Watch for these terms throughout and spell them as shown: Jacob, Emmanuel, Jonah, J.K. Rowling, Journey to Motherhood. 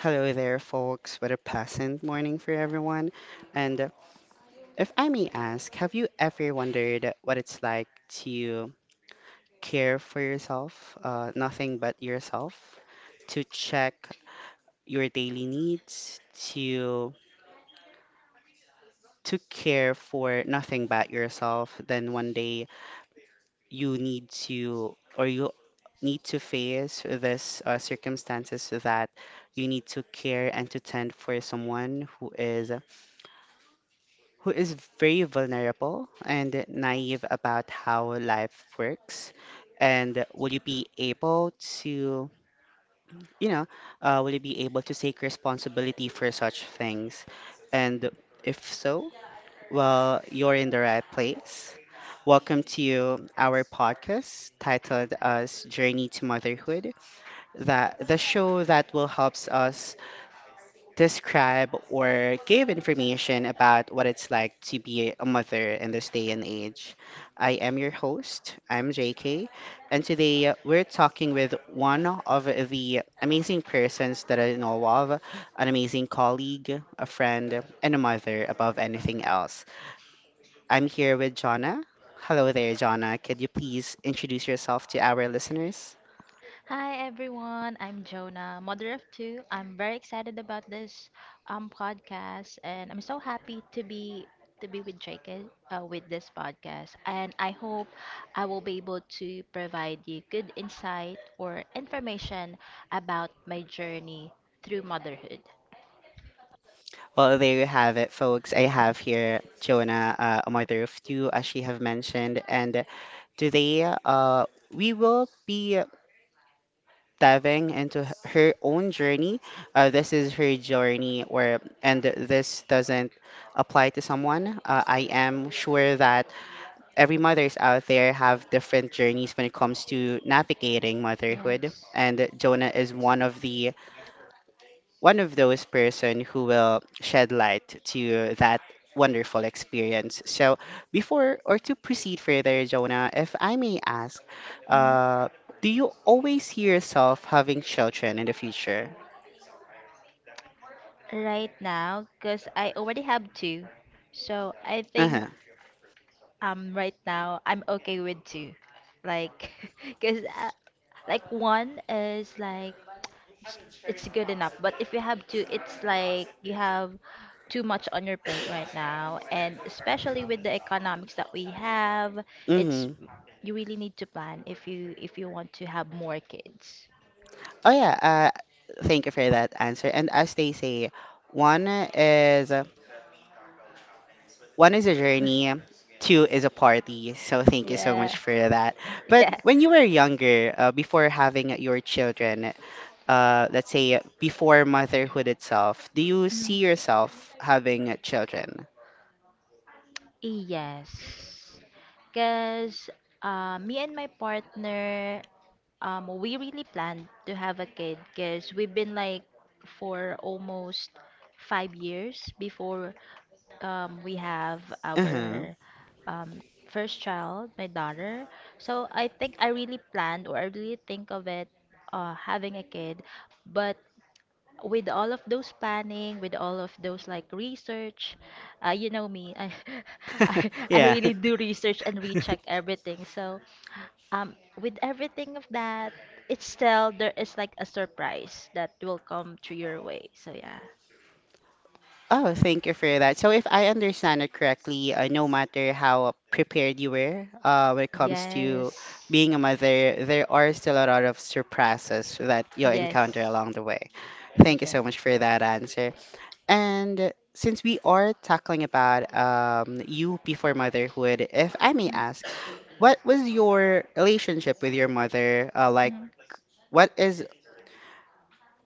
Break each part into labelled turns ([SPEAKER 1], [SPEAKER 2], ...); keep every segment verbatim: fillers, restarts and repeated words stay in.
[SPEAKER 1] Hello there, folks. What a pleasant morning for everyone. And if I may ask, have you ever wondered what it's like to care for yourself, uh, nothing but yourself, to check your daily needs, to to care for nothing but yourself? Then one day you need to, or you need to face this uh, circumstances that you need to care and to tend for someone who is who is very vulnerable and naive about how life works. And will you be able to, you know, uh, will you be able to take responsibility for such things? And if so, well, you're in the right place. Welcome to our podcast titled as Journey to Motherhood, that the show that will helps us describe or give information about what it's like to be a mother in this day and age. I am your host, I'm J K, and today uh, we're talking with one of the amazing persons that I know of, an amazing colleague, a friend, and a mother above anything else. I'm here with Jonna. Hello there, Jonna. Could you please introduce yourself to our listeners?
[SPEAKER 2] Hi everyone, I'm Jonah, mother of two. I'm very excited about this um podcast, and I'm so happy to be to be with Jacob, uh, with this podcast. And I hope I will be able to provide you good insight or information about my journey through motherhood.
[SPEAKER 1] Well, there you have it, folks. I have here Jonah, uh, a mother of two, as she have mentioned, and today uh, we will be diving into h- her own journey. Uh, this is her journey, where and this doesn't apply to someone. Uh, I am sure that every mothers out there have different journeys when it comes to navigating motherhood,
[SPEAKER 2] Yes.
[SPEAKER 1] and Jonah is one of the one of those person who will shed light to that wonderful experience. So before or to proceed further, Jonah, if I may ask,
[SPEAKER 2] Mm,
[SPEAKER 1] uh, do you always see yourself having children in the future?
[SPEAKER 2] Right now, because I already have two, so I think
[SPEAKER 1] Uh-huh.
[SPEAKER 2] um right now I'm okay with two, like, cause uh, like one is like s- it's good enough, but if you have two, it's like you have too much on your plate right now, and especially with the economics that we have, it's
[SPEAKER 1] Mm-hmm.
[SPEAKER 2] you really need to plan if you if you want to have more kids.
[SPEAKER 1] Oh yeah, uh thank you for that answer. And as they say, one is one is a journey, two is a party. So thank you so
[SPEAKER 2] Yeah.
[SPEAKER 1] much for that. But
[SPEAKER 2] Yeah.
[SPEAKER 1] when you were younger, uh, before having your children, uh, let's say before motherhood itself, do you
[SPEAKER 2] Mm.
[SPEAKER 1] see yourself having uh, children?
[SPEAKER 2] Yes. Because uh, me and my partner, um we really planned to have a kid because we've been like for almost five years before um we have
[SPEAKER 1] Uh-huh.
[SPEAKER 2] our um first child, my daughter. So I think I really planned, or I really think of it, uh having a kid. But with all of those planning, with all of those like research, uh, you know me, I, I i
[SPEAKER 1] Yeah.
[SPEAKER 2] really do research and recheck everything. So um, with everything of that, it's still there is like a surprise that will come to your way. So yeah.
[SPEAKER 1] Oh, thank you for that. So, if I understand it correctly, uh, no matter how prepared you were uh, when it comes to
[SPEAKER 2] Yes.
[SPEAKER 1] being a mother, there are still a lot of surprises that you'll encounter
[SPEAKER 2] Yes.
[SPEAKER 1] along the way. Thank you
[SPEAKER 2] Yes.
[SPEAKER 1] so much for that answer. And since we are talking about um, you before motherhood, if I may ask, what was your relationship with your mother? Uh, like, what is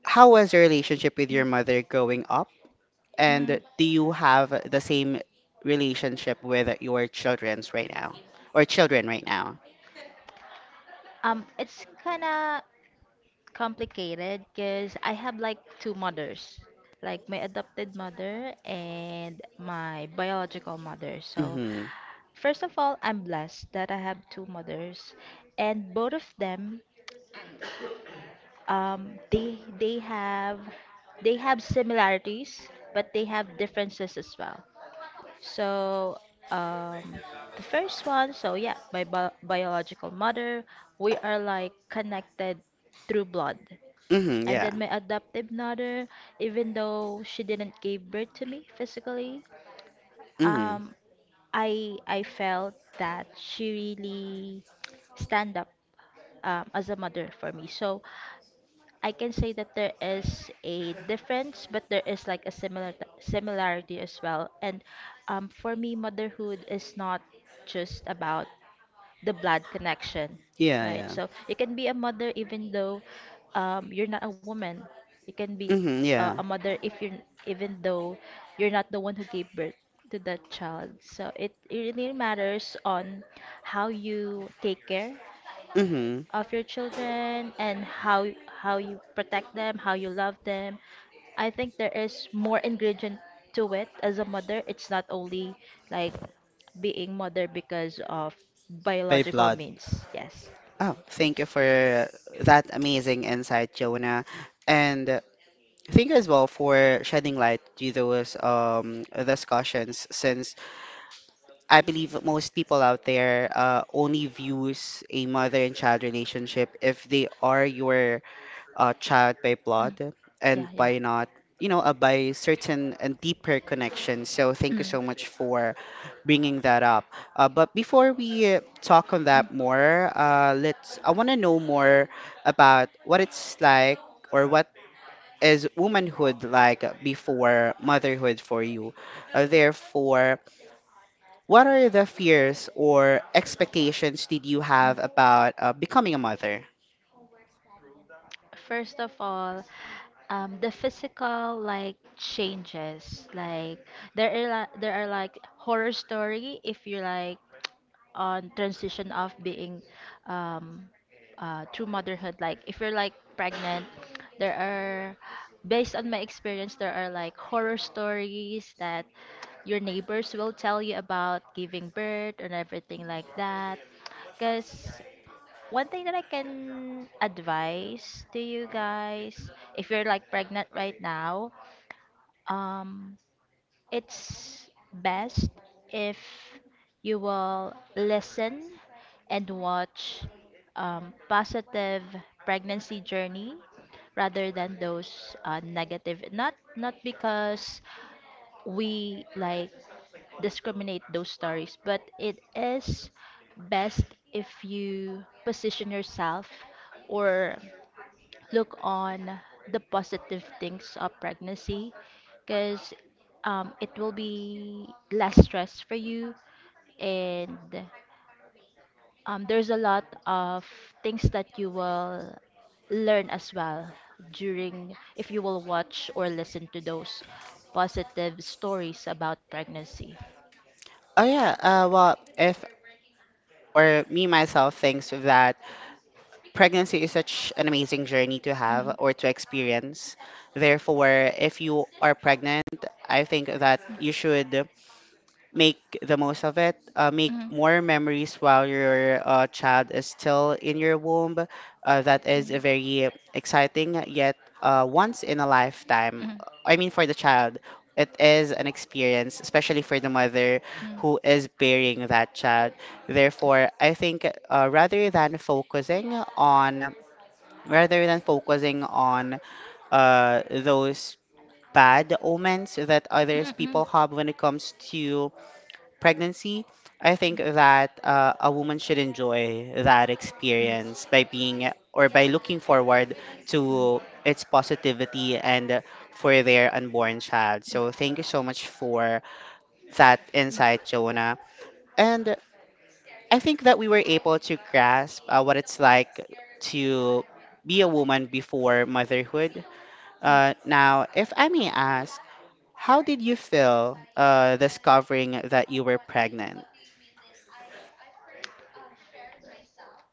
[SPEAKER 1] how was your relationship with your mother growing up? And
[SPEAKER 2] Mhm.
[SPEAKER 1] do you have the same relationship with your childrens right now or children right now?
[SPEAKER 2] Um, it's kinda complicated because I have like two mothers, like my adopted mother and my biological mother. So
[SPEAKER 1] Mm-hmm.
[SPEAKER 2] first of all, I'm blessed that I have two mothers, and both of them, um, they they have they have similarities, but they have differences as well. So um, the first one, so yeah, my bi- biological mother, we are like connected through blood.
[SPEAKER 1] Mm-hmm.
[SPEAKER 2] And
[SPEAKER 1] Yeah.
[SPEAKER 2] then my adoptive mother, even though she didn't give birth to me physically,
[SPEAKER 1] Mm-hmm.
[SPEAKER 2] um, I I felt that she really stand up um, as a mother for me. So I can say that there is a difference, but there is like a similar similarity as well. And um, for me, motherhood is not just about the blood connection, yeah,
[SPEAKER 1] Yeah.
[SPEAKER 2] right?
[SPEAKER 1] Yeah.
[SPEAKER 2] So you can be a mother even though, um, you're not a woman. You can be,
[SPEAKER 1] Mm-hmm.
[SPEAKER 2] hmm yeah, uh,
[SPEAKER 1] Yeah.
[SPEAKER 2] a mother if you're, even though you're not the one who gave birth to that child. So it, it really matters on how you take care
[SPEAKER 1] Mm-hmm.
[SPEAKER 2] of your children and how y- how you protect them, how you love them. I think there is more ingredient to it as a mother. It's not only like being mother because of
[SPEAKER 1] By
[SPEAKER 2] biological
[SPEAKER 1] blood.
[SPEAKER 2] means. Yes.
[SPEAKER 1] Oh, thank you for that amazing insight, Jonah. And thank you as well for shedding light to those um discussions, since I believe most people out there uh, only views a mother and child relationship if they are your uh, child by blood
[SPEAKER 2] Mm.
[SPEAKER 1] and
[SPEAKER 2] Yeah, yeah.
[SPEAKER 1] by not, you know, uh, by certain and deeper connections. So thank
[SPEAKER 2] Mm.
[SPEAKER 1] you so much for bringing that up. Uh, but before we uh, talk on that more, uh, let's. I want to know more about what it's like, or what is womanhood like before motherhood for you. Uh, therefore what are the fears or expectations did you have about uh, becoming a mother?
[SPEAKER 2] First of all, um the physical like changes, like there are li- there are like horror story if you're like on transition of being, um uh through motherhood, like if you're like pregnant, there are, based on my experience, there are like horror stories that your neighbors will tell you about giving birth and everything like that. Because one thing that I can advise to you guys, if you're like pregnant right now, um, it's best if you will listen and watch um, positive pregnancy journey rather than those, uh, negative. Not not because we like discriminate those stories, but it is best if you position yourself or look on the positive things of pregnancy, because um, it will be less stress for you. And um, there's a lot of things that you will learn as well during, if you will watch or listen to those positive stories about pregnancy.
[SPEAKER 1] Oh yeah, uh, well, if or me myself thinks that pregnancy is such an amazing journey to have or to experience. Therefore, if you are pregnant, I think that you should make the most of it, uh, make more memories while your uh, child is still in your womb. Uh, that is a very exciting yet uh, once in a lifetime,
[SPEAKER 2] Mhm. Mhm.
[SPEAKER 1] I mean, for the child it is an experience, especially for the mother who is bearing that
[SPEAKER 2] Mhm.
[SPEAKER 1] child.
[SPEAKER 2] Mhm.
[SPEAKER 1] Therefore, I think, uh, rather than focusing on, rather than focusing on uh, those bad omens that others people have when it comes to pregnancy, I think that, uh, a woman should enjoy that experience by being or by looking forward to its positivity and for their unborn child. So thank you so much for that insight, Jonah. And I think that we were able to grasp uh, what it's like to be a woman before motherhood. Uh, now, if I may ask, how did you feel uh, discovering that you were pregnant?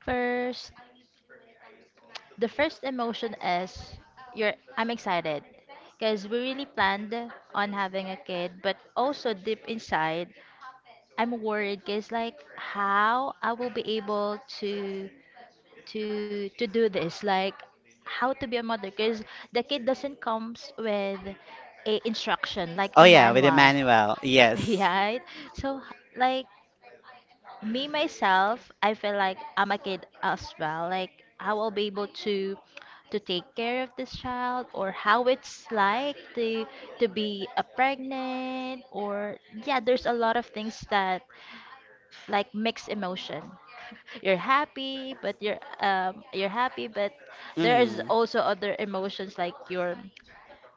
[SPEAKER 2] First, the first emotion is you're I'm excited because we really planned on having a kid, but also deep inside, I'm worried because like how I will be able to to to do this, like how to be a mother, because the kid doesn't comes with a instruction like
[SPEAKER 1] Oh
[SPEAKER 2] a
[SPEAKER 1] yeah, with
[SPEAKER 2] manual,
[SPEAKER 1] Emmanuel. Yes.
[SPEAKER 2] right? So like me myself, I feel like I'm a kid as well. Like I will be able to to take care of this child, or how it's like to to be a pregnant. Or yeah, there's a lot of things that like mix emotion. You're happy but you're um you're happy, but there is
[SPEAKER 1] Hmm.
[SPEAKER 2] also other emotions like you're,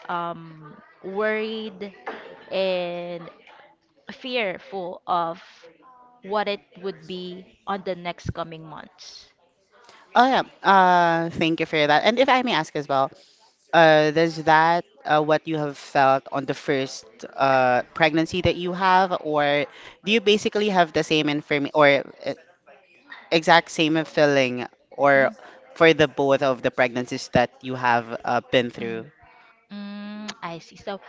[SPEAKER 2] um worried and fearful of what it would be on the next coming months.
[SPEAKER 1] Oh yeah. Uh, thank you for that. And if I may ask as well, uh, does that uh, what you have felt on the first uh pregnancy that you have, or do you basically have the same inform or uh, exact same feeling, or
[SPEAKER 2] Mhm.
[SPEAKER 1] for the both of the pregnancies that you have uh, been
[SPEAKER 2] Mm,
[SPEAKER 1] through?
[SPEAKER 2] mm, I see. So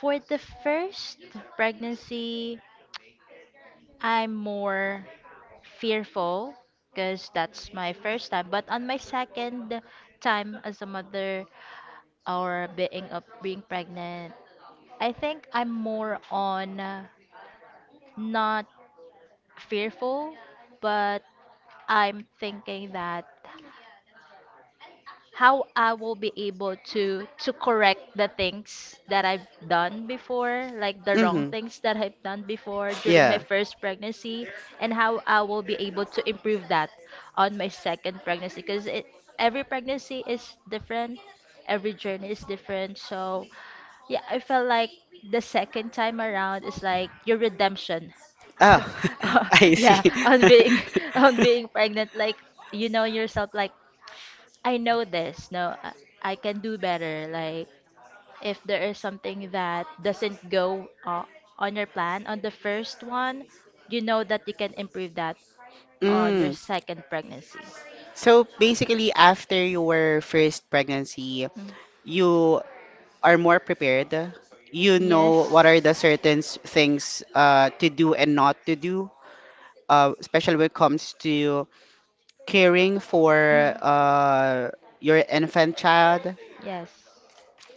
[SPEAKER 2] for the first pregnancy, I'm more fearful because that's my first time. But on my second time as a mother, or being up being pregnant, I think I'm more on, uh, not fearful, but I'm thinking that how I will be able to to correct the things that I've done before, like the wrong
[SPEAKER 1] Mm-hmm.
[SPEAKER 2] things that I've done before during my
[SPEAKER 1] Yeah.
[SPEAKER 2] first pregnancy, and how I will be able to improve that on my second pregnancy. Because it every pregnancy is different, every journey is different. So yeah, I felt like the second time around is like your redemption.
[SPEAKER 1] Oh, I
[SPEAKER 2] Yeah,
[SPEAKER 1] see.
[SPEAKER 2] on being, on being pregnant, like you know yourself, like I know this. No, I I can do better. Like if there is something that doesn't go, uh, on your plan on the first one, you know that you can improve that on your
[SPEAKER 1] Mm.
[SPEAKER 2] second pregnancy.
[SPEAKER 1] So basically, after your first pregnancy,
[SPEAKER 2] Mm.
[SPEAKER 1] you are more prepared. You
[SPEAKER 2] Yes.
[SPEAKER 1] know what are the certain s- things uh, to do and not to do, uh, especially when it comes to caring for
[SPEAKER 2] Mhm.
[SPEAKER 1] uh, your infant child.
[SPEAKER 2] Yes.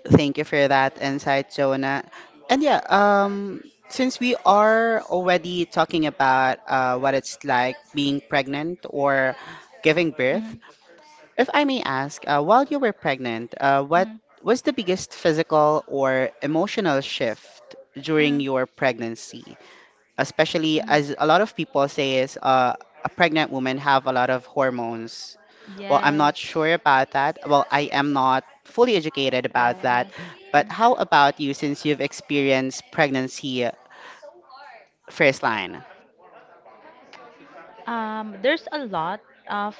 [SPEAKER 1] Thank you for that insight, Jonah. And yeah, um, since we are already talking about uh, what it's like being pregnant or giving birth,
[SPEAKER 2] Mhm.
[SPEAKER 1] if I may ask, uh, while you were pregnant, uh, what was the biggest physical or emotional shift
[SPEAKER 2] Mm.
[SPEAKER 1] during your pregnancy? Especially as a lot of people say is, uh, a pregnant woman have a lot of hormones.
[SPEAKER 2] Mm.
[SPEAKER 1] Well, I'm not
[SPEAKER 2] Yes.
[SPEAKER 1] sure about that. Well, I am not fully educated about that. But how about you, since you've experienced pregnancy first line?
[SPEAKER 2] Um, there's a lot of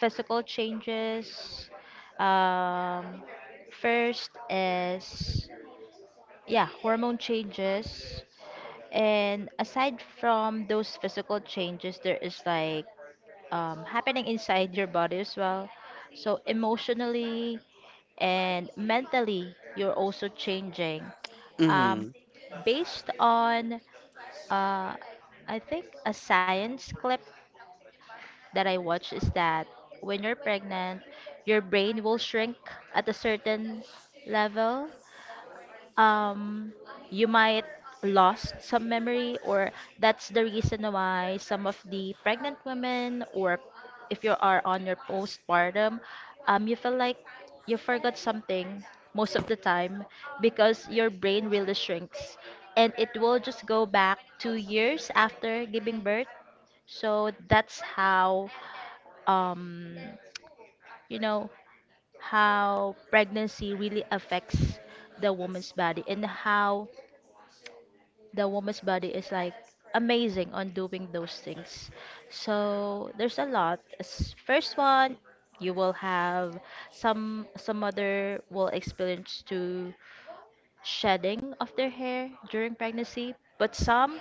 [SPEAKER 2] physical changes. Um, First is yeah, hormone changes. And aside from those physical changes, there is like, um, happening inside your body as well. So emotionally and mentally, you're also changing. Um,
[SPEAKER 1] Mm-hmm.
[SPEAKER 2] Based on, uh, I think a science clip that I watched, is that when you're pregnant, your brain will shrink at a certain level. um you might lost some memory, or that's the reason why some of the pregnant women, or if you are on your postpartum, um you feel like you forgot something most of the time, because your brain really shrinks, and it will just go back two years after giving birth. So that's how, um you know, how pregnancy really affects the woman's body, and how the woman's body is like amazing on doing those things. So there's a lot. S- First one, you will have some some mother will experience to shedding of their hair during pregnancy, but some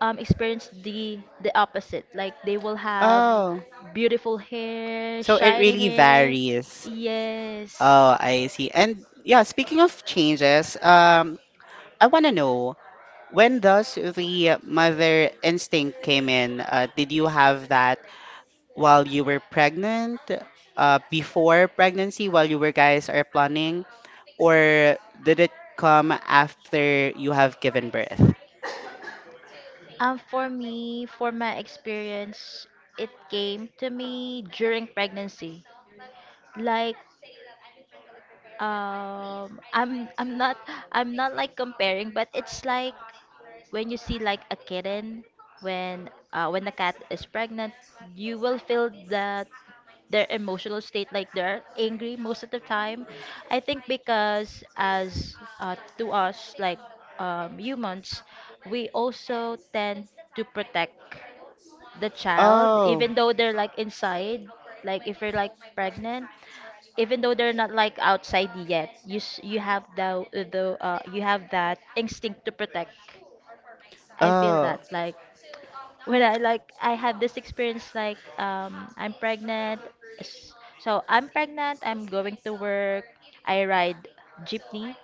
[SPEAKER 2] um, experience the the opposite. Like they will have
[SPEAKER 1] Oh,
[SPEAKER 2] beautiful hair,
[SPEAKER 1] so it
[SPEAKER 2] shiny
[SPEAKER 1] really
[SPEAKER 2] hair.
[SPEAKER 1] varies.
[SPEAKER 2] Yes.
[SPEAKER 1] Oh, I see. And yeah, speaking of changes, um, I want to know, when does the mother instinct came in? Uh, did you have that while you were pregnant, uh, before pregnancy, while you were guys are planning, or did it come after you have given birth?
[SPEAKER 2] Um, for me, for my experience, it came to me during pregnancy. Like, um i'm i'm not i'm not like comparing, but it's like when you see like a kitten, when, uh when the cat is pregnant, you will feel that their emotional state, like they're angry most of the time. I think because as, uh, to us like, um, humans, we also tend to protect the child,
[SPEAKER 1] Oh,
[SPEAKER 2] even though they're like inside, like if you're like pregnant, even though they're not like outside yet, you, s- you have the the uh, you have that instinct to protect. I feel
[SPEAKER 1] oh.
[SPEAKER 2] that like when I, like I had this experience like, um I'm pregnant, s- so I'm pregnant. I'm going to work. I ride jeepney,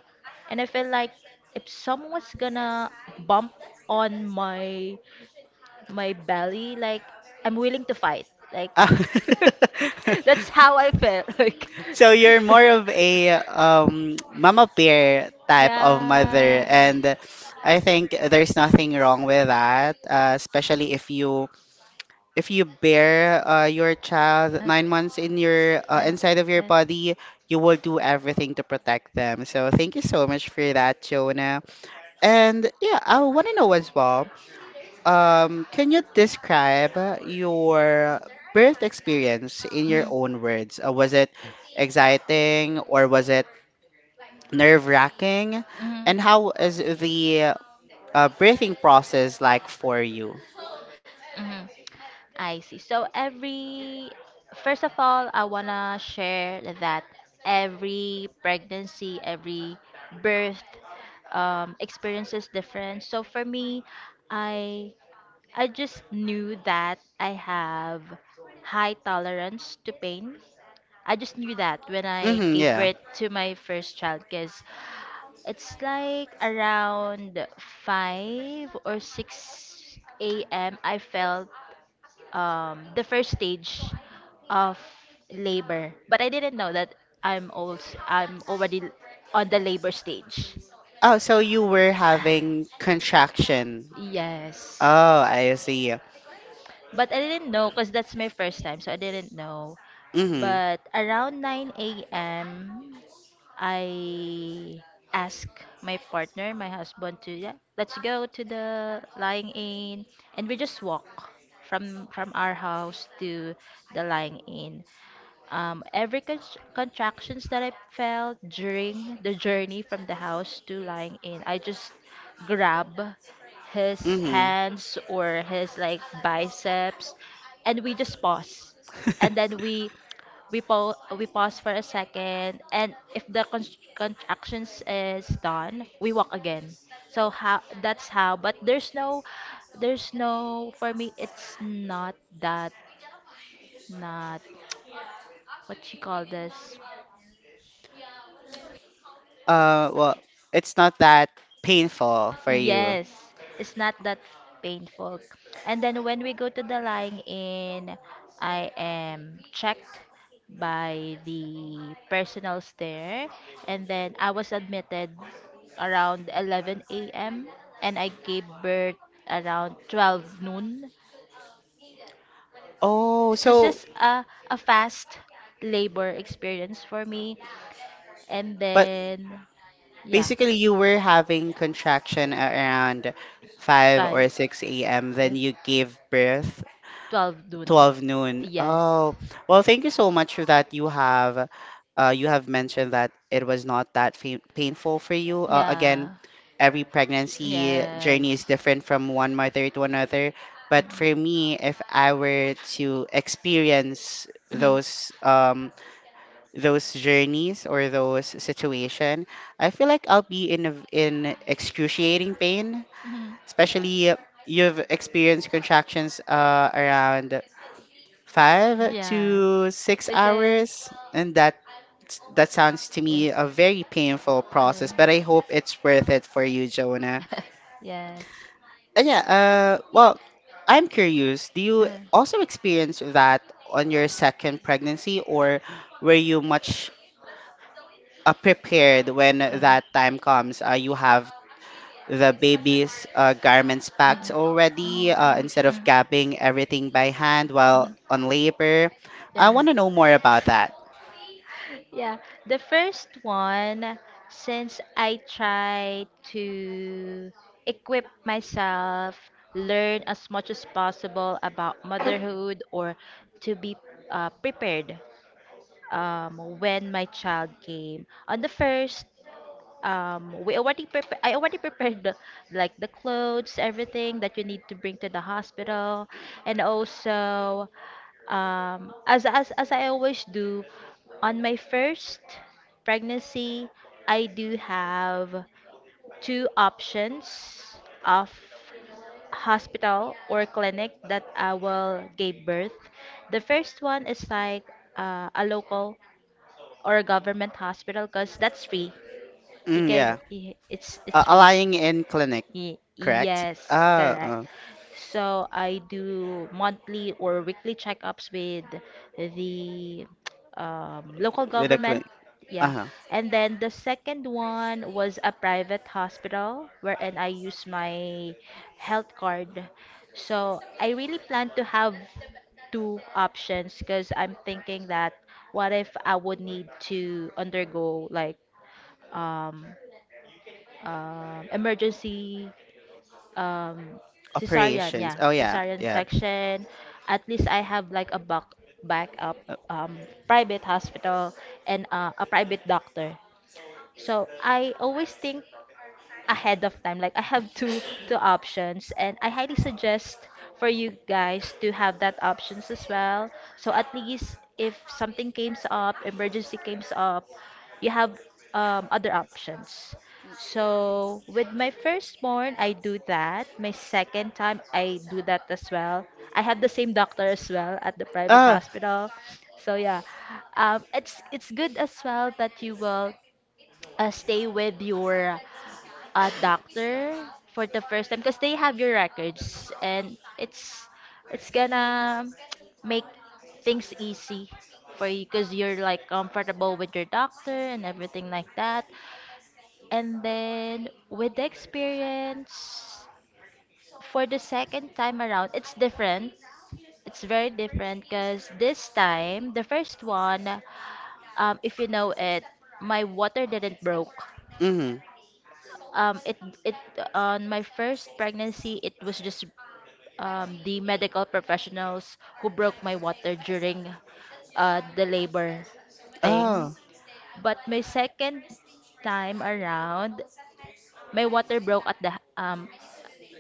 [SPEAKER 2] and I feel like if someone's gonna bump on my my belly, like I'm willing to fight, like
[SPEAKER 1] Ah.
[SPEAKER 2] that's how I felt like.
[SPEAKER 1] So you're more of a, um, mama pear type of mother,
[SPEAKER 2] Yeah.
[SPEAKER 1] and I think there's nothing wrong with that, uh, especially if you if you bear uh, your child nine months in your, uh, inside of your body, you will do everything to protect them. So thank you so much for that, Jonah. And yeah, I want to know as well. Um, can you describe uh, your birth experience in your
[SPEAKER 2] Mhm,
[SPEAKER 1] own words? Uh, was it exciting, or was it nerve wracking?
[SPEAKER 2] mhm,
[SPEAKER 1] And how is the, uh, birthing process like for you?
[SPEAKER 2] mhm. I see. So every, first of all, I wanna share that every pregnancy, every birth um, experience is different. So for me, I I just knew that I have high tolerance to pain. I just knew that when I
[SPEAKER 1] Mm-hmm,
[SPEAKER 2] gave
[SPEAKER 1] yeah.
[SPEAKER 2] birth to my first child, because it's like around five or six a m. I felt um, the first stage of labor. But I didn't know that I'm also, I'm already on the labor stage.
[SPEAKER 1] Oh, so you were having contraction.
[SPEAKER 2] Yes.
[SPEAKER 1] Oh, I see.
[SPEAKER 2] But I didn't know because that's my first time, so I didn't know.
[SPEAKER 1] Mm-hmm.
[SPEAKER 2] But around nine a m. I ask my partner, my husband, to, yeah, let's go to the lying in, and we just walk from from our house to the lying in. Um, every con- contractions that I felt during the journey from the house to lying in, I just grab his
[SPEAKER 1] Mm-hmm.
[SPEAKER 2] hands or his like biceps, and we just pause, and then we we po- we pause for a second, and if the con- contractions is done, we walk again. So how that's how, but there's no there's no, for me it's not that, not what you call this.
[SPEAKER 1] Uh, well, it's not that painful for you.
[SPEAKER 2] Yes, it's not that painful. And then when we go to the lying in, I am checked by the personals there. And then I was admitted around eleven a m and I gave birth around twelve noon.
[SPEAKER 1] Oh, so
[SPEAKER 2] Uh, a fast labor experience for me. And
[SPEAKER 1] but
[SPEAKER 2] then, yeah,
[SPEAKER 1] basically you were having contraction around five
[SPEAKER 2] by
[SPEAKER 1] or six a m. Then you gave birth
[SPEAKER 2] twelve noon.
[SPEAKER 1] twelve noon.
[SPEAKER 2] Yes.
[SPEAKER 1] Oh, well, thank you so much for that. You have uh, you have mentioned that it was not that fa- painful for you. Uh,
[SPEAKER 2] Yeah,
[SPEAKER 1] again, every pregnancy
[SPEAKER 2] yes.
[SPEAKER 1] journey is different from one mother to another. But for me, if I were to experience
[SPEAKER 2] Mhm.
[SPEAKER 1] those, um, those journeys or those situation, I feel like I'll be in a, in excruciating pain,
[SPEAKER 2] Mhm.
[SPEAKER 1] especially, uh, you've experienced contractions, uh, around five
[SPEAKER 2] Yeah.
[SPEAKER 1] to six
[SPEAKER 2] Okay.
[SPEAKER 1] hours, and that that sounds to me a very painful process. But I
[SPEAKER 2] Yeah.
[SPEAKER 1] hope it's worth it for you, Jonah.
[SPEAKER 2] Yes.
[SPEAKER 1] And yeah, uh, well, I'm curious. Do you
[SPEAKER 2] Yeah.
[SPEAKER 1] also experience that on your second pregnancy, or were you much uh, prepared when
[SPEAKER 2] Uh,
[SPEAKER 1] that time comes? Uh, you have the baby's uh, garments
[SPEAKER 2] uh,
[SPEAKER 1] packed already, uh,
[SPEAKER 2] mm, mm,
[SPEAKER 1] instead of gapping everything by hand while on labor. I
[SPEAKER 2] yeah.
[SPEAKER 1] want to know more about that.
[SPEAKER 2] Yeah. The first one, since I try to equip myself, learn as much as possible about motherhood, or to be, uh, prepared um, when my child came. On the first, um we already prepa- i already prepared the, like the clothes, everything that you need to bring to the hospital. And also um as as, as i always do on my first pregnancy, I do have two options of hospital or clinic that I will give birth. The first one is like uh, a local or a government hospital because that's free. You
[SPEAKER 1] Mm,
[SPEAKER 2] can,
[SPEAKER 1] yeah.
[SPEAKER 2] it's
[SPEAKER 1] Uh,
[SPEAKER 2] it's free.
[SPEAKER 1] allying in clinic,
[SPEAKER 2] Y- right?
[SPEAKER 1] correct?
[SPEAKER 2] Yes,
[SPEAKER 1] Uh,
[SPEAKER 2] correct.
[SPEAKER 1] uh
[SPEAKER 2] So I do monthly or weekly checkups with the um, local
[SPEAKER 1] with a
[SPEAKER 2] government.
[SPEAKER 1] clinic. Uh
[SPEAKER 2] Yeah.
[SPEAKER 1] huh.
[SPEAKER 2] And then the second one was a private hospital wherein I use my health card. So I really plan to have two options because I'm thinking that what if I would need to undergo like um, um emergency, um cesarean,
[SPEAKER 1] Operations.
[SPEAKER 2] yeah,
[SPEAKER 1] Oh, yeah.
[SPEAKER 2] cesarean
[SPEAKER 1] Yeah.
[SPEAKER 2] section. At least I have like a back backup
[SPEAKER 1] Uh,
[SPEAKER 2] um private hospital and uh, a private doctor. So I always think ahead of time. Like I have two two options, and I highly suggest for you guys to have that options as well. So at least if something comes up, emergency comes up, you have um, other options. So with my firstborn, I do that. My second time, I do that as well. I have the same doctor as well at the private
[SPEAKER 1] Oh,
[SPEAKER 2] hospital. So yeah, um, it's it's good as well that you will uh, stay with your a doctor for the first time because they have your records, and it's it's gonna make things easy for you because you're like comfortable with your doctor and everything like that. And then with the experience for the second time around, it's different. It's very different because this time, the first one, um, if you know it, my water didn't broke.
[SPEAKER 1] mm-hmm.
[SPEAKER 2] Um it it On my first pregnancy, it was just um the medical professionals who broke my water during uh the labor thing.
[SPEAKER 1] Oh,
[SPEAKER 2] But my second time around, my water broke at the um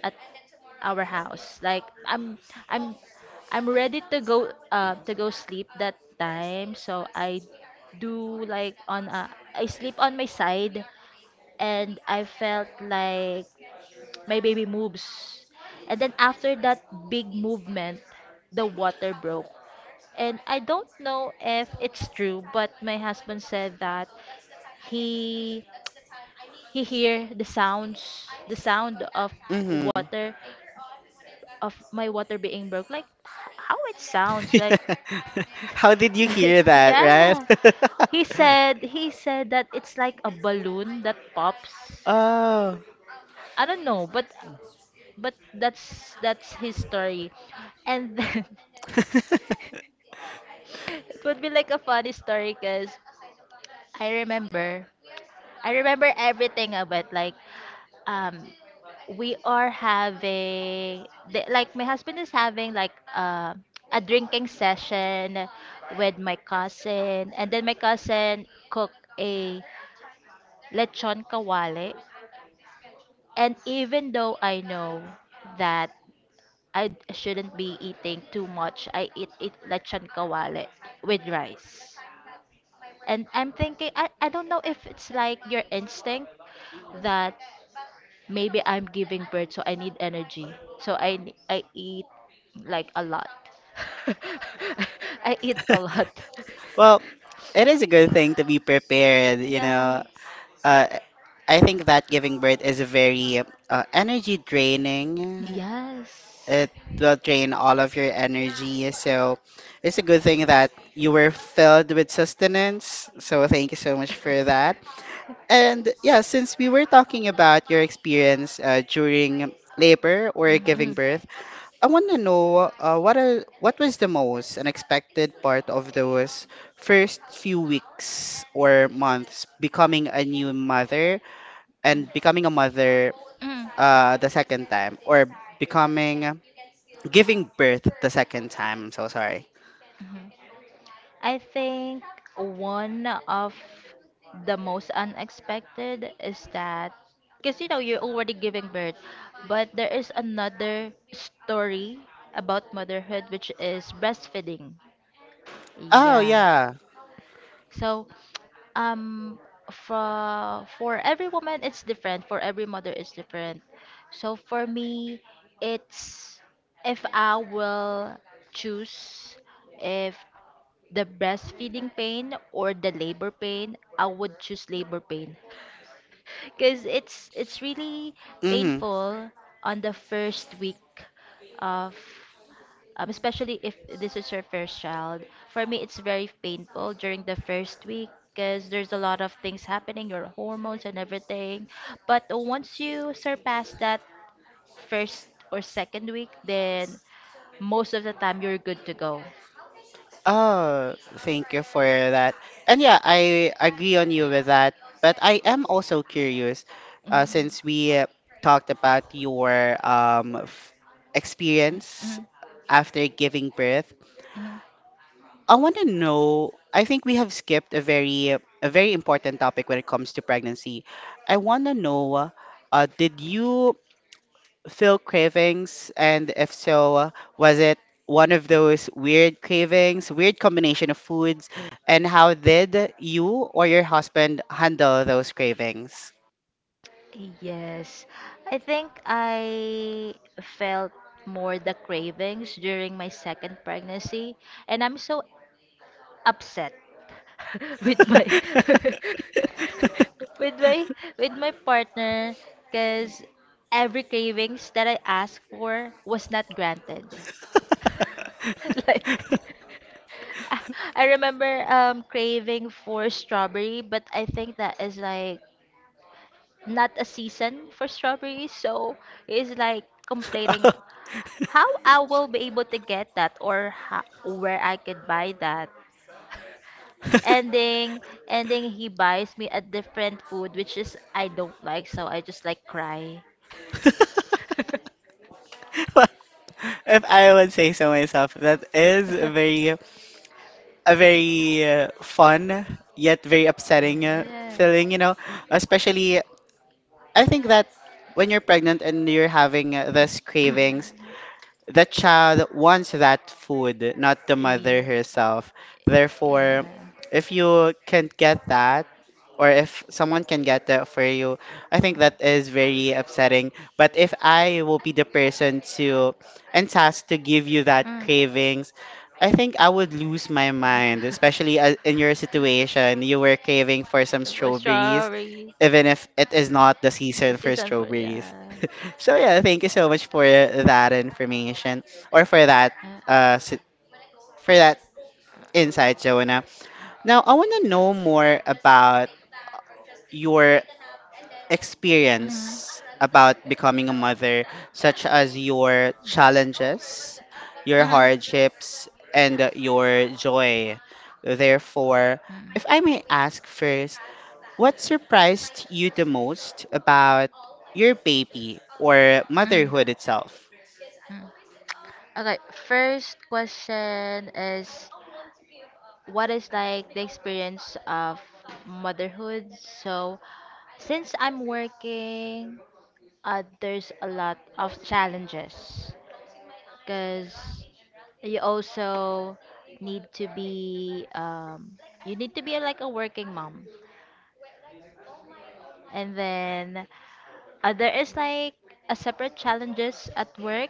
[SPEAKER 2] at our house. Like, i'm i'm i'm ready to go, uh to go sleep that time. So I do like on a, I sleep on my side, and I felt like my baby moves. And then after that big movement, the water broke. And I don't know if it's true, but my husband said that he he hear the sounds, the sound of
[SPEAKER 1] mm-hmm.
[SPEAKER 2] water, of my water being broke. Like, h- how it sounds like.
[SPEAKER 1] How did you hear that,
[SPEAKER 2] Yeah.
[SPEAKER 1] right?
[SPEAKER 2] He said he said that it's like a balloon that pops.
[SPEAKER 1] Oh.
[SPEAKER 2] I don't know, but but that's that's his story. And then it would be like a funny story because I remember, I remember everything of it. Like, um, we are having, the, like, my husband is having like uh, a drinking session with my cousin, and then my cousin cooked a lechon kawale. And even though I know that I shouldn't be eating too much, I eat, eat lechon kawale with rice. And I'm thinking, I, I don't know if it's like your instinct that maybe I'm giving birth, so I need energy. So I, n- I eat like a lot. I eat a lot.
[SPEAKER 1] Well, it is a good thing to be prepared, you know. Uh, I think that giving birth is a very, uh, energy
[SPEAKER 2] Yeah.
[SPEAKER 1] draining.
[SPEAKER 2] Yes.
[SPEAKER 1] It will
[SPEAKER 2] Mm.
[SPEAKER 1] drain all of your energy. So it's a good thing that you were filled with sustenance. So thank you so much for that. And yeah, since we were talking about your experience uh, during labor or giving birth, I want to know, uh, what are, what was the most unexpected part of those first few weeks or months becoming a new mother, and becoming a mother,
[SPEAKER 2] Mm.
[SPEAKER 1] uh, the second time, or becoming giving birth the second time. I'm so sorry.
[SPEAKER 2] Mhm. I think one of the most unexpected is that because you know you're already giving birth, but there is another story about motherhood, which is breastfeeding.
[SPEAKER 1] Oh
[SPEAKER 2] Yeah.
[SPEAKER 1] yeah.
[SPEAKER 2] So um for for every woman it's different, for every mother it's different. So for me it's, if I will choose if the breastfeeding pain or the labor pain, I would choose labor pain because it's it's really
[SPEAKER 1] Mhm.
[SPEAKER 2] painful on the first week of, um, especially if this is your first child. For me, it's very painful during the first week because there's a lot of things happening, your hormones and everything. But once you surpass that first or second week, then most of the time you're good to go.
[SPEAKER 1] Oh, thank you for that. And yeah, I agree on you with that. But I am also curious, uh,
[SPEAKER 2] Mhm,
[SPEAKER 1] since we uh, talked about your, um, f- experience
[SPEAKER 2] mhm,
[SPEAKER 1] after giving birth.
[SPEAKER 2] mhm.
[SPEAKER 1] I want to know. I think we have skipped a very, a very important topic when it comes to pregnancy. I want to know. Uh, did you feel cravings? And if so, uh, was it one of those weird cravings, weird combination of foods? And how did you or your husband handle those cravings?
[SPEAKER 2] Yes. I think I felt more the cravings during my second pregnancy, and I'm so upset with my with my with my partner because every cravings that I asked for was not granted. Like, I remember um craving for strawberry, but I think that is like not a season for strawberries, so it's like complaining how I will be able to get that, or how, where I could buy that. Ending, ending, he buys me a different food, which is I don't like, so I just like cry.
[SPEAKER 1] Well, if I would say so myself, that is a very a very uh, fun yet very upsetting uh,
[SPEAKER 2] Yeah.
[SPEAKER 1] feeling, you know, especially I think that when you're pregnant and you're having uh, these cravings. The child wants that food, not the mother herself. Therefore, if you can't get that, or if someone can get that for you, I think that is very upsetting. But if I will be the person to and tasked to give you that cravings, I think I would lose
[SPEAKER 2] Yeah.
[SPEAKER 1] my
[SPEAKER 2] Yeah.
[SPEAKER 1] mind, especially as- in your situation. You were craving for some
[SPEAKER 2] For
[SPEAKER 1] strawberries,
[SPEAKER 2] strawberries,
[SPEAKER 1] even if it is not the season for
[SPEAKER 2] season for,
[SPEAKER 1] strawberries.
[SPEAKER 2] yeah.
[SPEAKER 1] So yeah, thank you so much for that information or for that uh si- for that insight, Joanna. Now I want to know more about your experience about becoming a mother, such as your challenges, your
[SPEAKER 2] Mm.
[SPEAKER 1] hardships, and uh, your joy.
[SPEAKER 2] Mhm.
[SPEAKER 1] Therefore, if I may ask first, what surprised you the most about your baby or
[SPEAKER 2] Mm.
[SPEAKER 1] motherhood itself?
[SPEAKER 2] Mm. Okay, first question is, what is like the experience of motherhood? So, since I'm working, uh, there's a lot of challenges because you also need to be um, you need to be like a working mom, and then uh, there is like a separate challenges at work,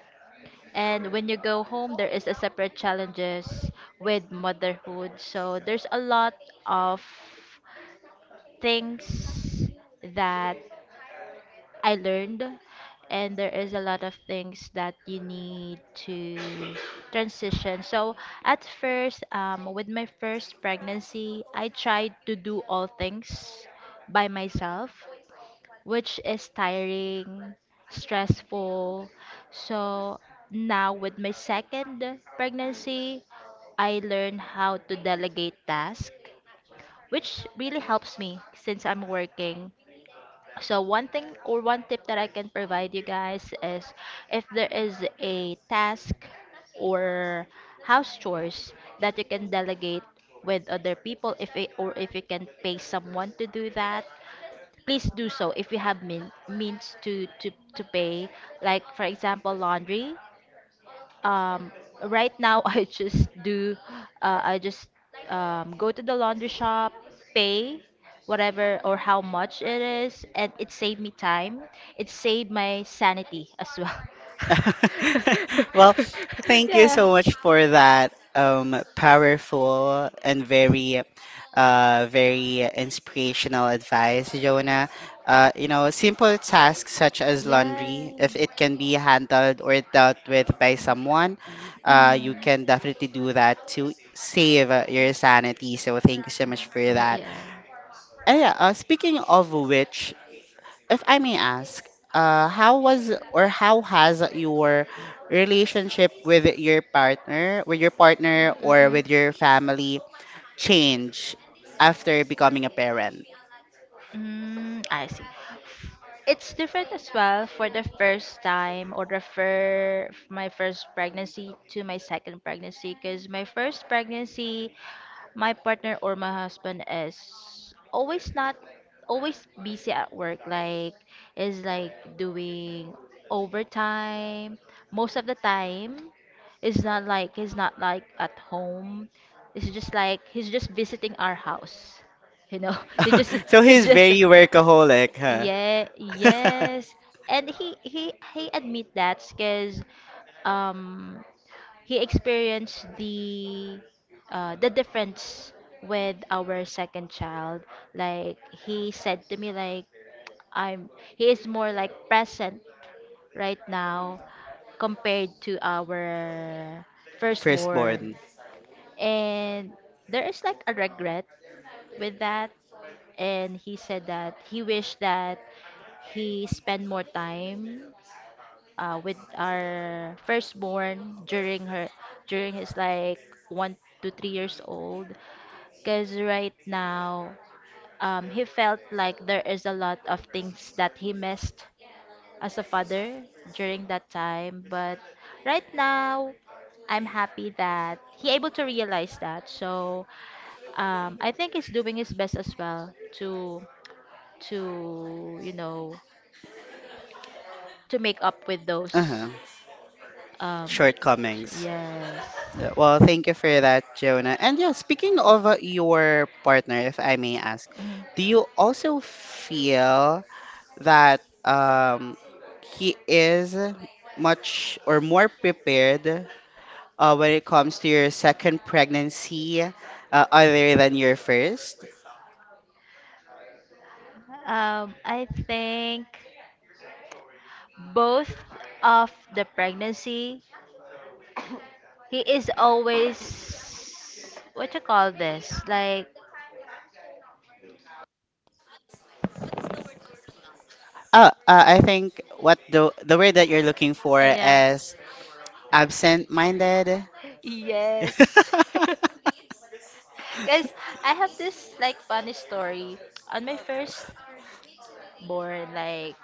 [SPEAKER 2] and when you go home there is a separate challenges with motherhood. So there's a lot of things that I learned, and there is a lot of things that you need to transition. So at first, um, with my first pregnancy, I tried to do all things by myself, which is tiring, stressful. So now with my second pregnancy, I learned how to delegate tasks, which really helps me since I'm working. So one thing or one tip that I can provide you guys is, if there is a task or house chores that you can delegate with other people, if it, or if you can pay someone to do that, please do so if you have mean, means to, to to pay. Like, for example, laundry. um right now, I just do uh, I just um, go to the laundry shop, pay whatever or how much it is, and it saved me time, it saved my sanity as well.
[SPEAKER 1] Well, thank you
[SPEAKER 2] Yeah,
[SPEAKER 1] so much for that um, powerful and very, uh, very inspirational advice, Jonah. Uh, you know, simple tasks such as
[SPEAKER 2] yeah.
[SPEAKER 1] laundry, if it can be handled or dealt with by someone, uh, you can definitely do that to save uh, your sanity. So, thank you so much for
[SPEAKER 2] Mm, yeah,
[SPEAKER 1] that.
[SPEAKER 2] yeah.
[SPEAKER 1] And yeah, uh, speaking of which, if I may ask, uh, how was or how has your relationship with your partner, with your partner or with your family changed after becoming a parent?
[SPEAKER 2] Mm-hmm. Mm, I see. It's different as well for the first time, or the fir- my first pregnancy to my second pregnancy, because my first pregnancy, my partner or my husband is always not always busy at work. Like, is like doing overtime most of the time. It's not like he's not like at home, it's just like he's just visiting our house, you know. he just
[SPEAKER 1] So he's
[SPEAKER 2] he's just
[SPEAKER 1] very workaholic, huh?
[SPEAKER 2] yeah, yes. And he he he admit that because um he experienced the uh the difference with our second child. Like, he said to me like, I'm, he is more like present right now compared to our
[SPEAKER 1] Firstborn.
[SPEAKER 2] firstborn. And there is like a regret with that. And he said that he wished that he spend more time uh, with our firstborn during her during his like one to three years old, because right now, um, he felt like there is a lot of things that he missed as a father during that time. But right now, I'm happy that he able to realize that. So um, I think he's doing his best as well to to you know, to make up with those
[SPEAKER 1] Uh-huh.
[SPEAKER 2] um,
[SPEAKER 1] Shortcomings.
[SPEAKER 2] yes.
[SPEAKER 1] Uh, Well, thank you for that, Jonah. And yeah, speaking of uh, your partner, if I may ask, do you also feel that um, he is much or more prepared uh, when it comes to your second pregnancy uh, other than your first.
[SPEAKER 2] Um, I think both of the pregnancy, he is always, what you call this? Like,
[SPEAKER 1] Oh, uh, I think what the the word that you're looking for
[SPEAKER 2] yeah.
[SPEAKER 1] is absent-minded.
[SPEAKER 2] Yes. Cause I have this like funny story. On my first born, like,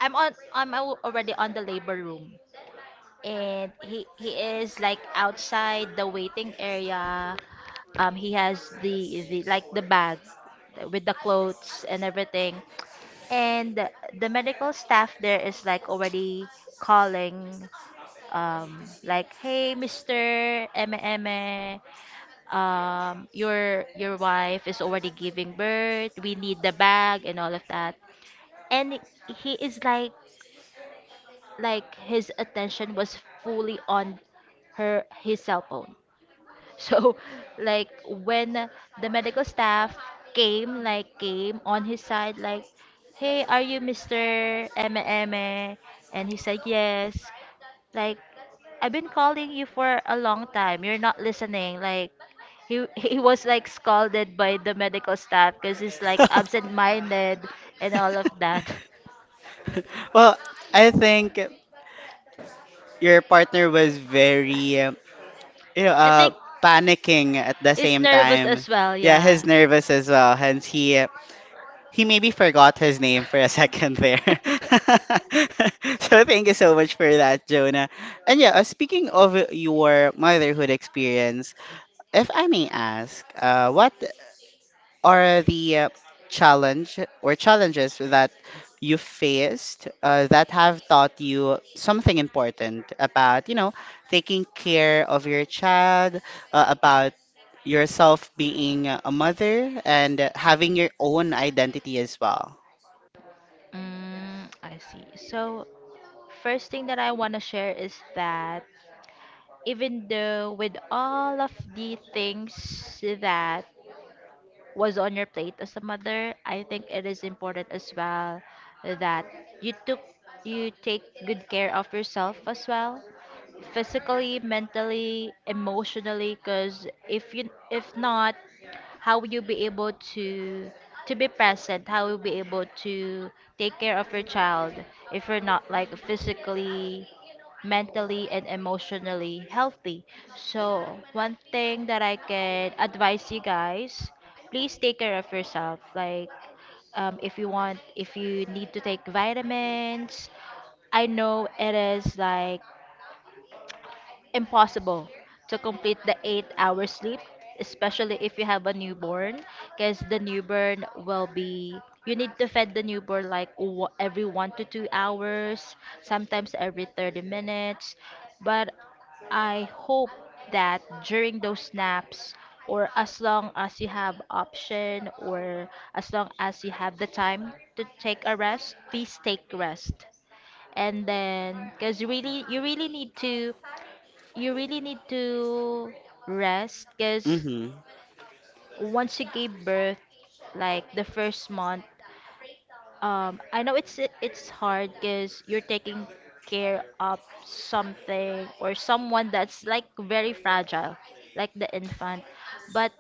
[SPEAKER 2] I'm on I'm al- already on the labor room. And he he is like outside the waiting area. Um he has the, the like the bag with the clothes and everything, and the the medical staff there is like already calling, um like, hey, Mr. Eme Eme, um your your wife is already giving birth, we need the bag and all of that. And he is like like his attention was fully on her his cell phone. So, like when the medical staff came, like came on his side, like, "Hey, are you mister Eme Eme?" And he said, "Yes." Like, I've been calling you for a long time. You're not listening. Like, he he was like scolded by the medical staff because he's like absent-minded and all of that.
[SPEAKER 1] Well, I think your partner was very, um, you know,
[SPEAKER 2] I
[SPEAKER 1] uh,
[SPEAKER 2] think
[SPEAKER 1] panicking at the
[SPEAKER 2] he's
[SPEAKER 1] same
[SPEAKER 2] nervous
[SPEAKER 1] time.
[SPEAKER 2] as well.
[SPEAKER 1] Yeah, he's
[SPEAKER 2] Yeah.
[SPEAKER 1] nervous as well. Hence, he he maybe forgot his name for a second there. So thank you so much for that, Jonah. And yeah, uh, speaking of your motherhood experience, if I may ask, uh, what are the uh, challenge or challenges that you faced uh, that have taught you something important about, you know, taking care of your child, uh, about yourself being a mother and having your own identity as well.
[SPEAKER 2] Mm, I see. So, first thing that I want to share is that even though with all of the things that was on your plate as a mother, I think it is important as well that you took you take good care of yourself as well, physically, mentally, emotionally, because if you, if not, how will you be able to to be present, how will you be able to take care of your child if you're not like physically, mentally, and emotionally healthy. So one thing that I can advise you guys, please take care of yourself. Like, um, if you want, if you need to take vitamins. I know it is like impossible to complete the eight hour sleep, especially if you have a newborn, because the newborn will be, you need to feed the newborn like wa- every one to two hours, sometimes every thirty minutes. But I hope that during those naps, or as long as you have option, or as long as you have the time to take a rest, please take rest. And then because really you really need to you really need to rest because
[SPEAKER 1] Mhm.
[SPEAKER 2] once you gave birth, like the first month, um, I know it's it's hard because you're taking care of something or someone that's like very fragile, like the infant. But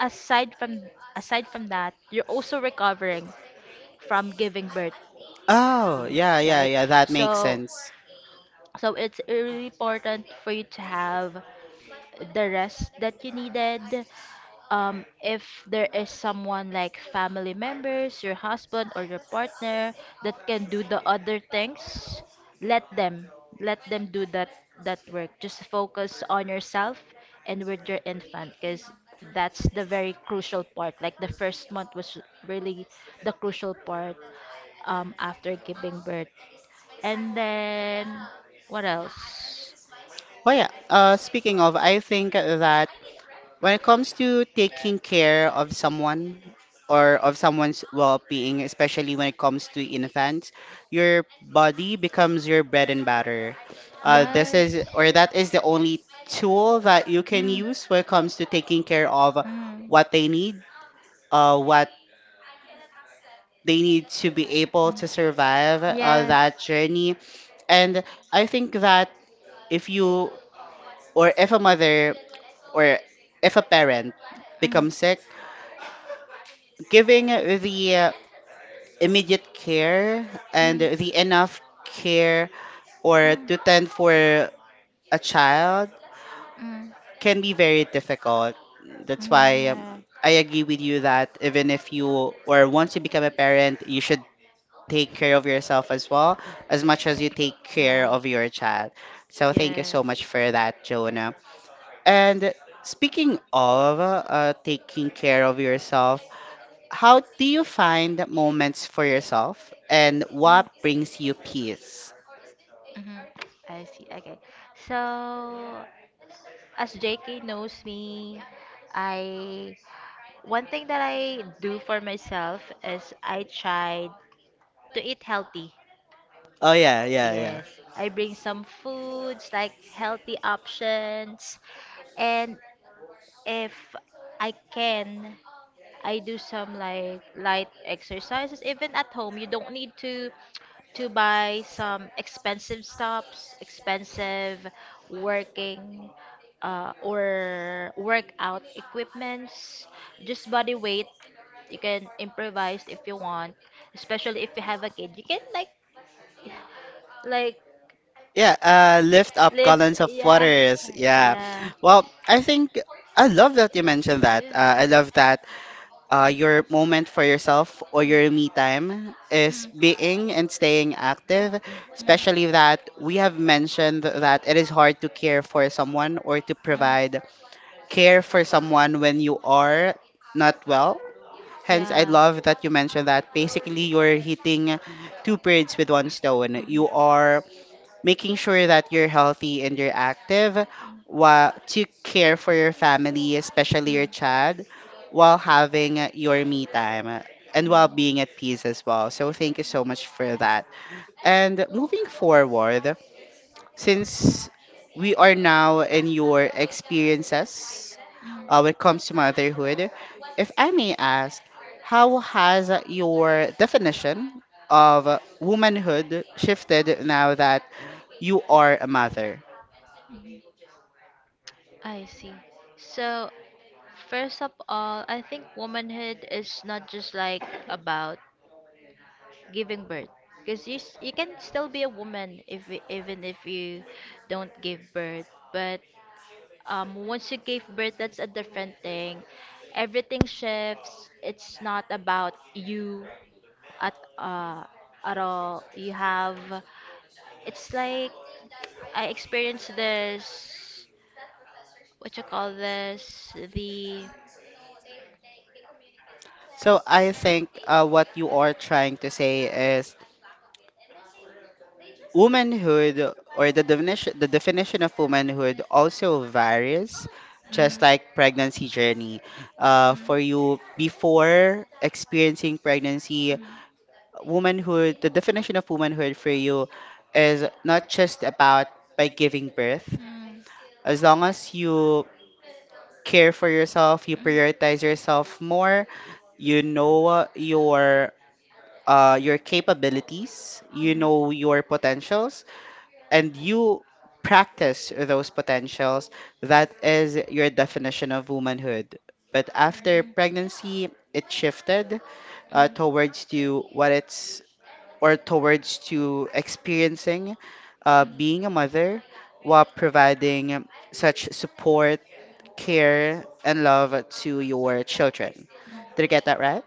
[SPEAKER 2] aside from aside from that, you're also recovering from giving birth,
[SPEAKER 1] Oh, yeah, yeah,
[SPEAKER 2] right?
[SPEAKER 1] yeah. That makes
[SPEAKER 2] So
[SPEAKER 1] sense.
[SPEAKER 2] so it's really important for you to have the rest that you needed. Um, if there is someone like family members, your husband or your partner that can do the other things, let them let them do that that work. Just focus on yourself and with your infant because that's the very crucial part. Like the first month was really the crucial part um, after giving birth. And then what else?
[SPEAKER 1] Well, yeah. Uh, speaking of, I think that when it comes to taking care of someone or of someone's well-being, especially when it comes to infants, your body becomes your bread and butter. Uh, this
[SPEAKER 2] Yes.
[SPEAKER 1] is or that is the only tool that you can
[SPEAKER 2] Mm,
[SPEAKER 1] use when it comes to taking care of
[SPEAKER 2] mm.
[SPEAKER 1] what they need, uh, what they need to be able to survive uh,
[SPEAKER 2] Yes.
[SPEAKER 1] that journey. And I think that if you or if a mother or if a parent
[SPEAKER 2] Mm, mm,
[SPEAKER 1] becomes sick, giving the immediate care and the enough care or
[SPEAKER 2] mm,
[SPEAKER 1] to tend for a child
[SPEAKER 2] mm,
[SPEAKER 1] can be very difficult. That's why um,
[SPEAKER 2] mm,
[SPEAKER 1] I agree with you that even if you or once you become a parent, you should take care of yourself as well as much as you take
[SPEAKER 2] yes,
[SPEAKER 1] care
[SPEAKER 2] right.
[SPEAKER 1] of your child. So thank you
[SPEAKER 2] Yes.
[SPEAKER 1] so much for that, Jonah. And speaking of uh, taking care of yourself, how do you find moments for yourself and what brings you peace?
[SPEAKER 2] Mhm. I see. Okay. So, as J K knows me, I one thing that I do for myself is I try to eat healthy.
[SPEAKER 1] Oh, yeah, yeah, yeah.
[SPEAKER 2] Yes. I bring some foods like healthy options and if I can I do some like light exercises even at home. You don't need to to buy some expensive stops, expensive working uh, or workout equipments. Just body weight. You can improvise if you want, especially if you have a kid. You can like like
[SPEAKER 1] Yeah, uh, lift up
[SPEAKER 2] lift.
[SPEAKER 1] gallons of
[SPEAKER 2] Yeah,
[SPEAKER 1] waters. Yeah.
[SPEAKER 2] yeah.
[SPEAKER 1] Well, I think I love that you mentioned that. Uh, I love that uh, your moment for yourself or your me time is
[SPEAKER 2] Mm. Mm.
[SPEAKER 1] being and staying active, especially that we have mentioned that it is hard to care for someone or to provide care for someone when you are not well. Hence, I
[SPEAKER 2] Yeah. Mm.
[SPEAKER 1] love that you mentioned that
[SPEAKER 2] Mm. Mm.
[SPEAKER 1] basically
[SPEAKER 2] Mm.
[SPEAKER 1] you're hitting two birds with one stone. You are making sure that you're healthy and you're active while to care for your family, especially your child, while having your me time and while being at peace as well. So, thank you so much for that. And moving forward, since we are now in your experiences uh, when it comes to motherhood, if I may ask, how has your definition of womanhood shifted now that you are a mother?
[SPEAKER 2] I see. So, first of all, I think womanhood is not just like about giving birth because you, s- you can still be a woman if y- even if you don't give birth, but um, once you give birth that's a different thing. Everything shifts. It's not about you at uh, at all. You have, it's like I experienced this, what you call this, the
[SPEAKER 1] So I think uh, what you are trying to say is womanhood or the definition the definition of womanhood also varies, just
[SPEAKER 2] mm,
[SPEAKER 1] like pregnancy journey, uh,
[SPEAKER 2] mm,
[SPEAKER 1] for you before experiencing pregnancy, womanhood, the definition of womanhood for you is not just about by giving birth.
[SPEAKER 2] mm, mm.
[SPEAKER 1] As long as you care for yourself, you prioritize yourself more, you know, uh, your uh, your capabilities, you know, your potentials, and you practice those potentials, that is your definition of womanhood. But after
[SPEAKER 2] Mm.
[SPEAKER 1] pregnancy, it shifted uh, towards to what it's or towards to experiencing uh, being a mother while providing such support, care, and love to your children. Did I get that right?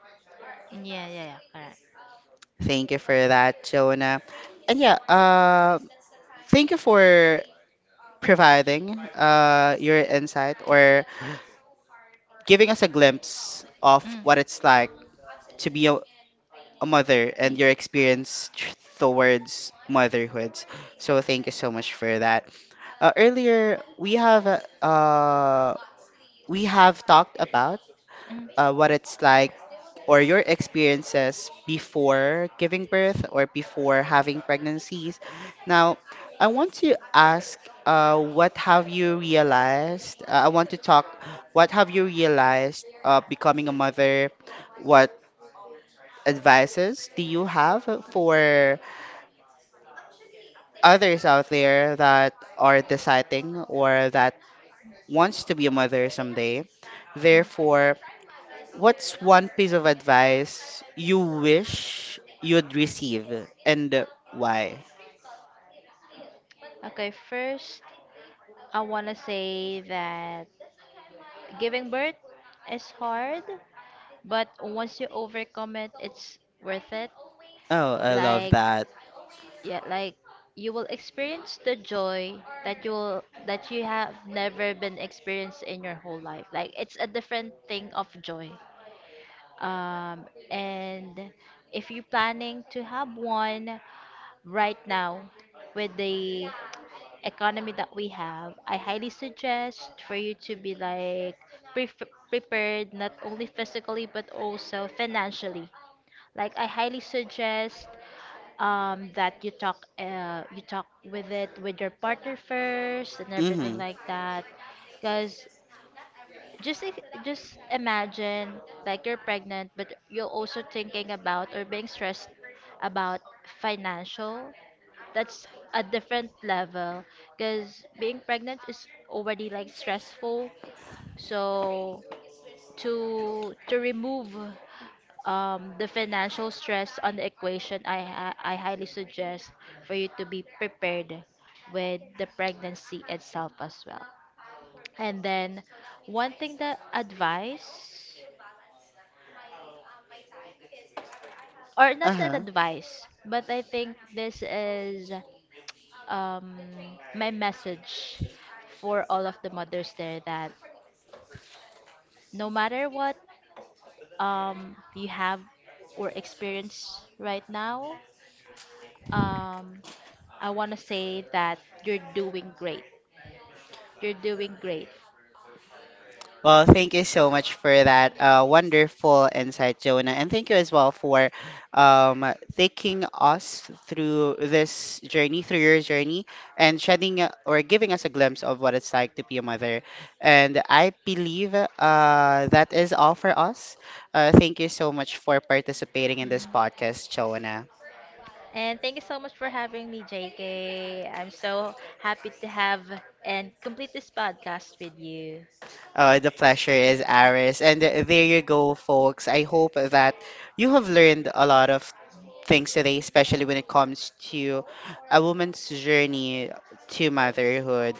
[SPEAKER 2] Yeah, yeah, yeah, correct.
[SPEAKER 1] Thank you for that, Jonah. And yeah, uh, thank you for providing uh, your insight or giving us a glimpse of
[SPEAKER 2] Mm.
[SPEAKER 1] what it's like to be a, a mother and your experience tr- towards motherhood. So thank you so much for that. Uh, earlier we have uh, we have talked about
[SPEAKER 2] Mm.
[SPEAKER 1] uh, what it's like or your experiences before giving birth or before having pregnancies. Now, I want to ask uh, what have you realized? Uh, I want to talk what have you realized uh, becoming a mother? What advices do you have for others out there that are deciding or that wants to be a mother someday? Therefore, what's one piece of advice you wish you'd receive and why?
[SPEAKER 2] Okay, first, I want to say that giving birth is hard, but once you overcome it, it's worth it.
[SPEAKER 1] Oh, I love
[SPEAKER 2] Like,
[SPEAKER 1] that.
[SPEAKER 2] yeah, like you will experience the joy that you will that you have never been experienced in your whole life. Like it's a different thing of joy. um and if you're planning to have one right now with the economy that we have, I highly suggest for you to be like pre- prepared not only physically but also financially. Like I highly suggest um that you talk uh you talk with it with your partner first and everything
[SPEAKER 1] Mm-hmm.
[SPEAKER 2] like that because just i- just imagine, like you're pregnant but you're also thinking about or being stressed about financial. That's a different level because being pregnant is already like stressful. So to to remove um, the financial stress on the equation, I, hi- I highly suggest for you to be prepared with the pregnancy itself as well. And then, one thing that advice, or not that
[SPEAKER 1] Uh-huh.
[SPEAKER 2] advice, but I think this is um, my message for all of the mothers there that no matter what um, you have or experience right now, um, I want to say that you're doing great. You're doing great.
[SPEAKER 1] Well, thank you so much for that uh, wonderful insight, Jonah. And thank you as well for um, taking us through this journey, through your journey, and shedding uh, or giving us a glimpse of what it's like to be a mother. And I believe uh, that is all for us. Uh, thank you so much for participating in this podcast, Jonah.
[SPEAKER 2] And thank you so much for having me, J K. I'm so happy to have and complete this podcast with you.
[SPEAKER 1] Uh, the pleasure is ours. And there you go, folks. I hope that you have learned a lot of things today, especially when it comes to a woman's journey to motherhood.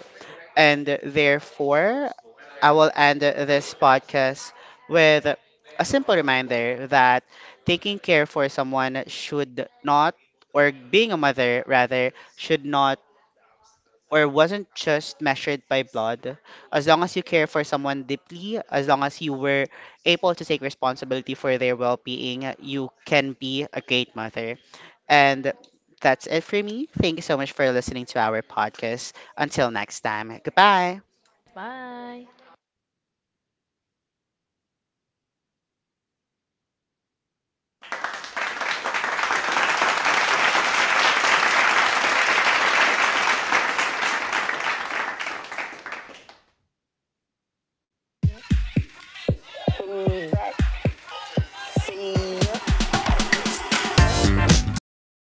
[SPEAKER 1] And therefore, I will end this podcast with a simple reminder that taking care for someone should not, or being a mother rather, should not or wasn't just measured by blood. As long as you care for someone deeply, as long as you were able to take responsibility for their well being, you can be a great mother. And that's it for me. Thank you so much for listening to our podcast. Until next time, goodbye.
[SPEAKER 2] Bye.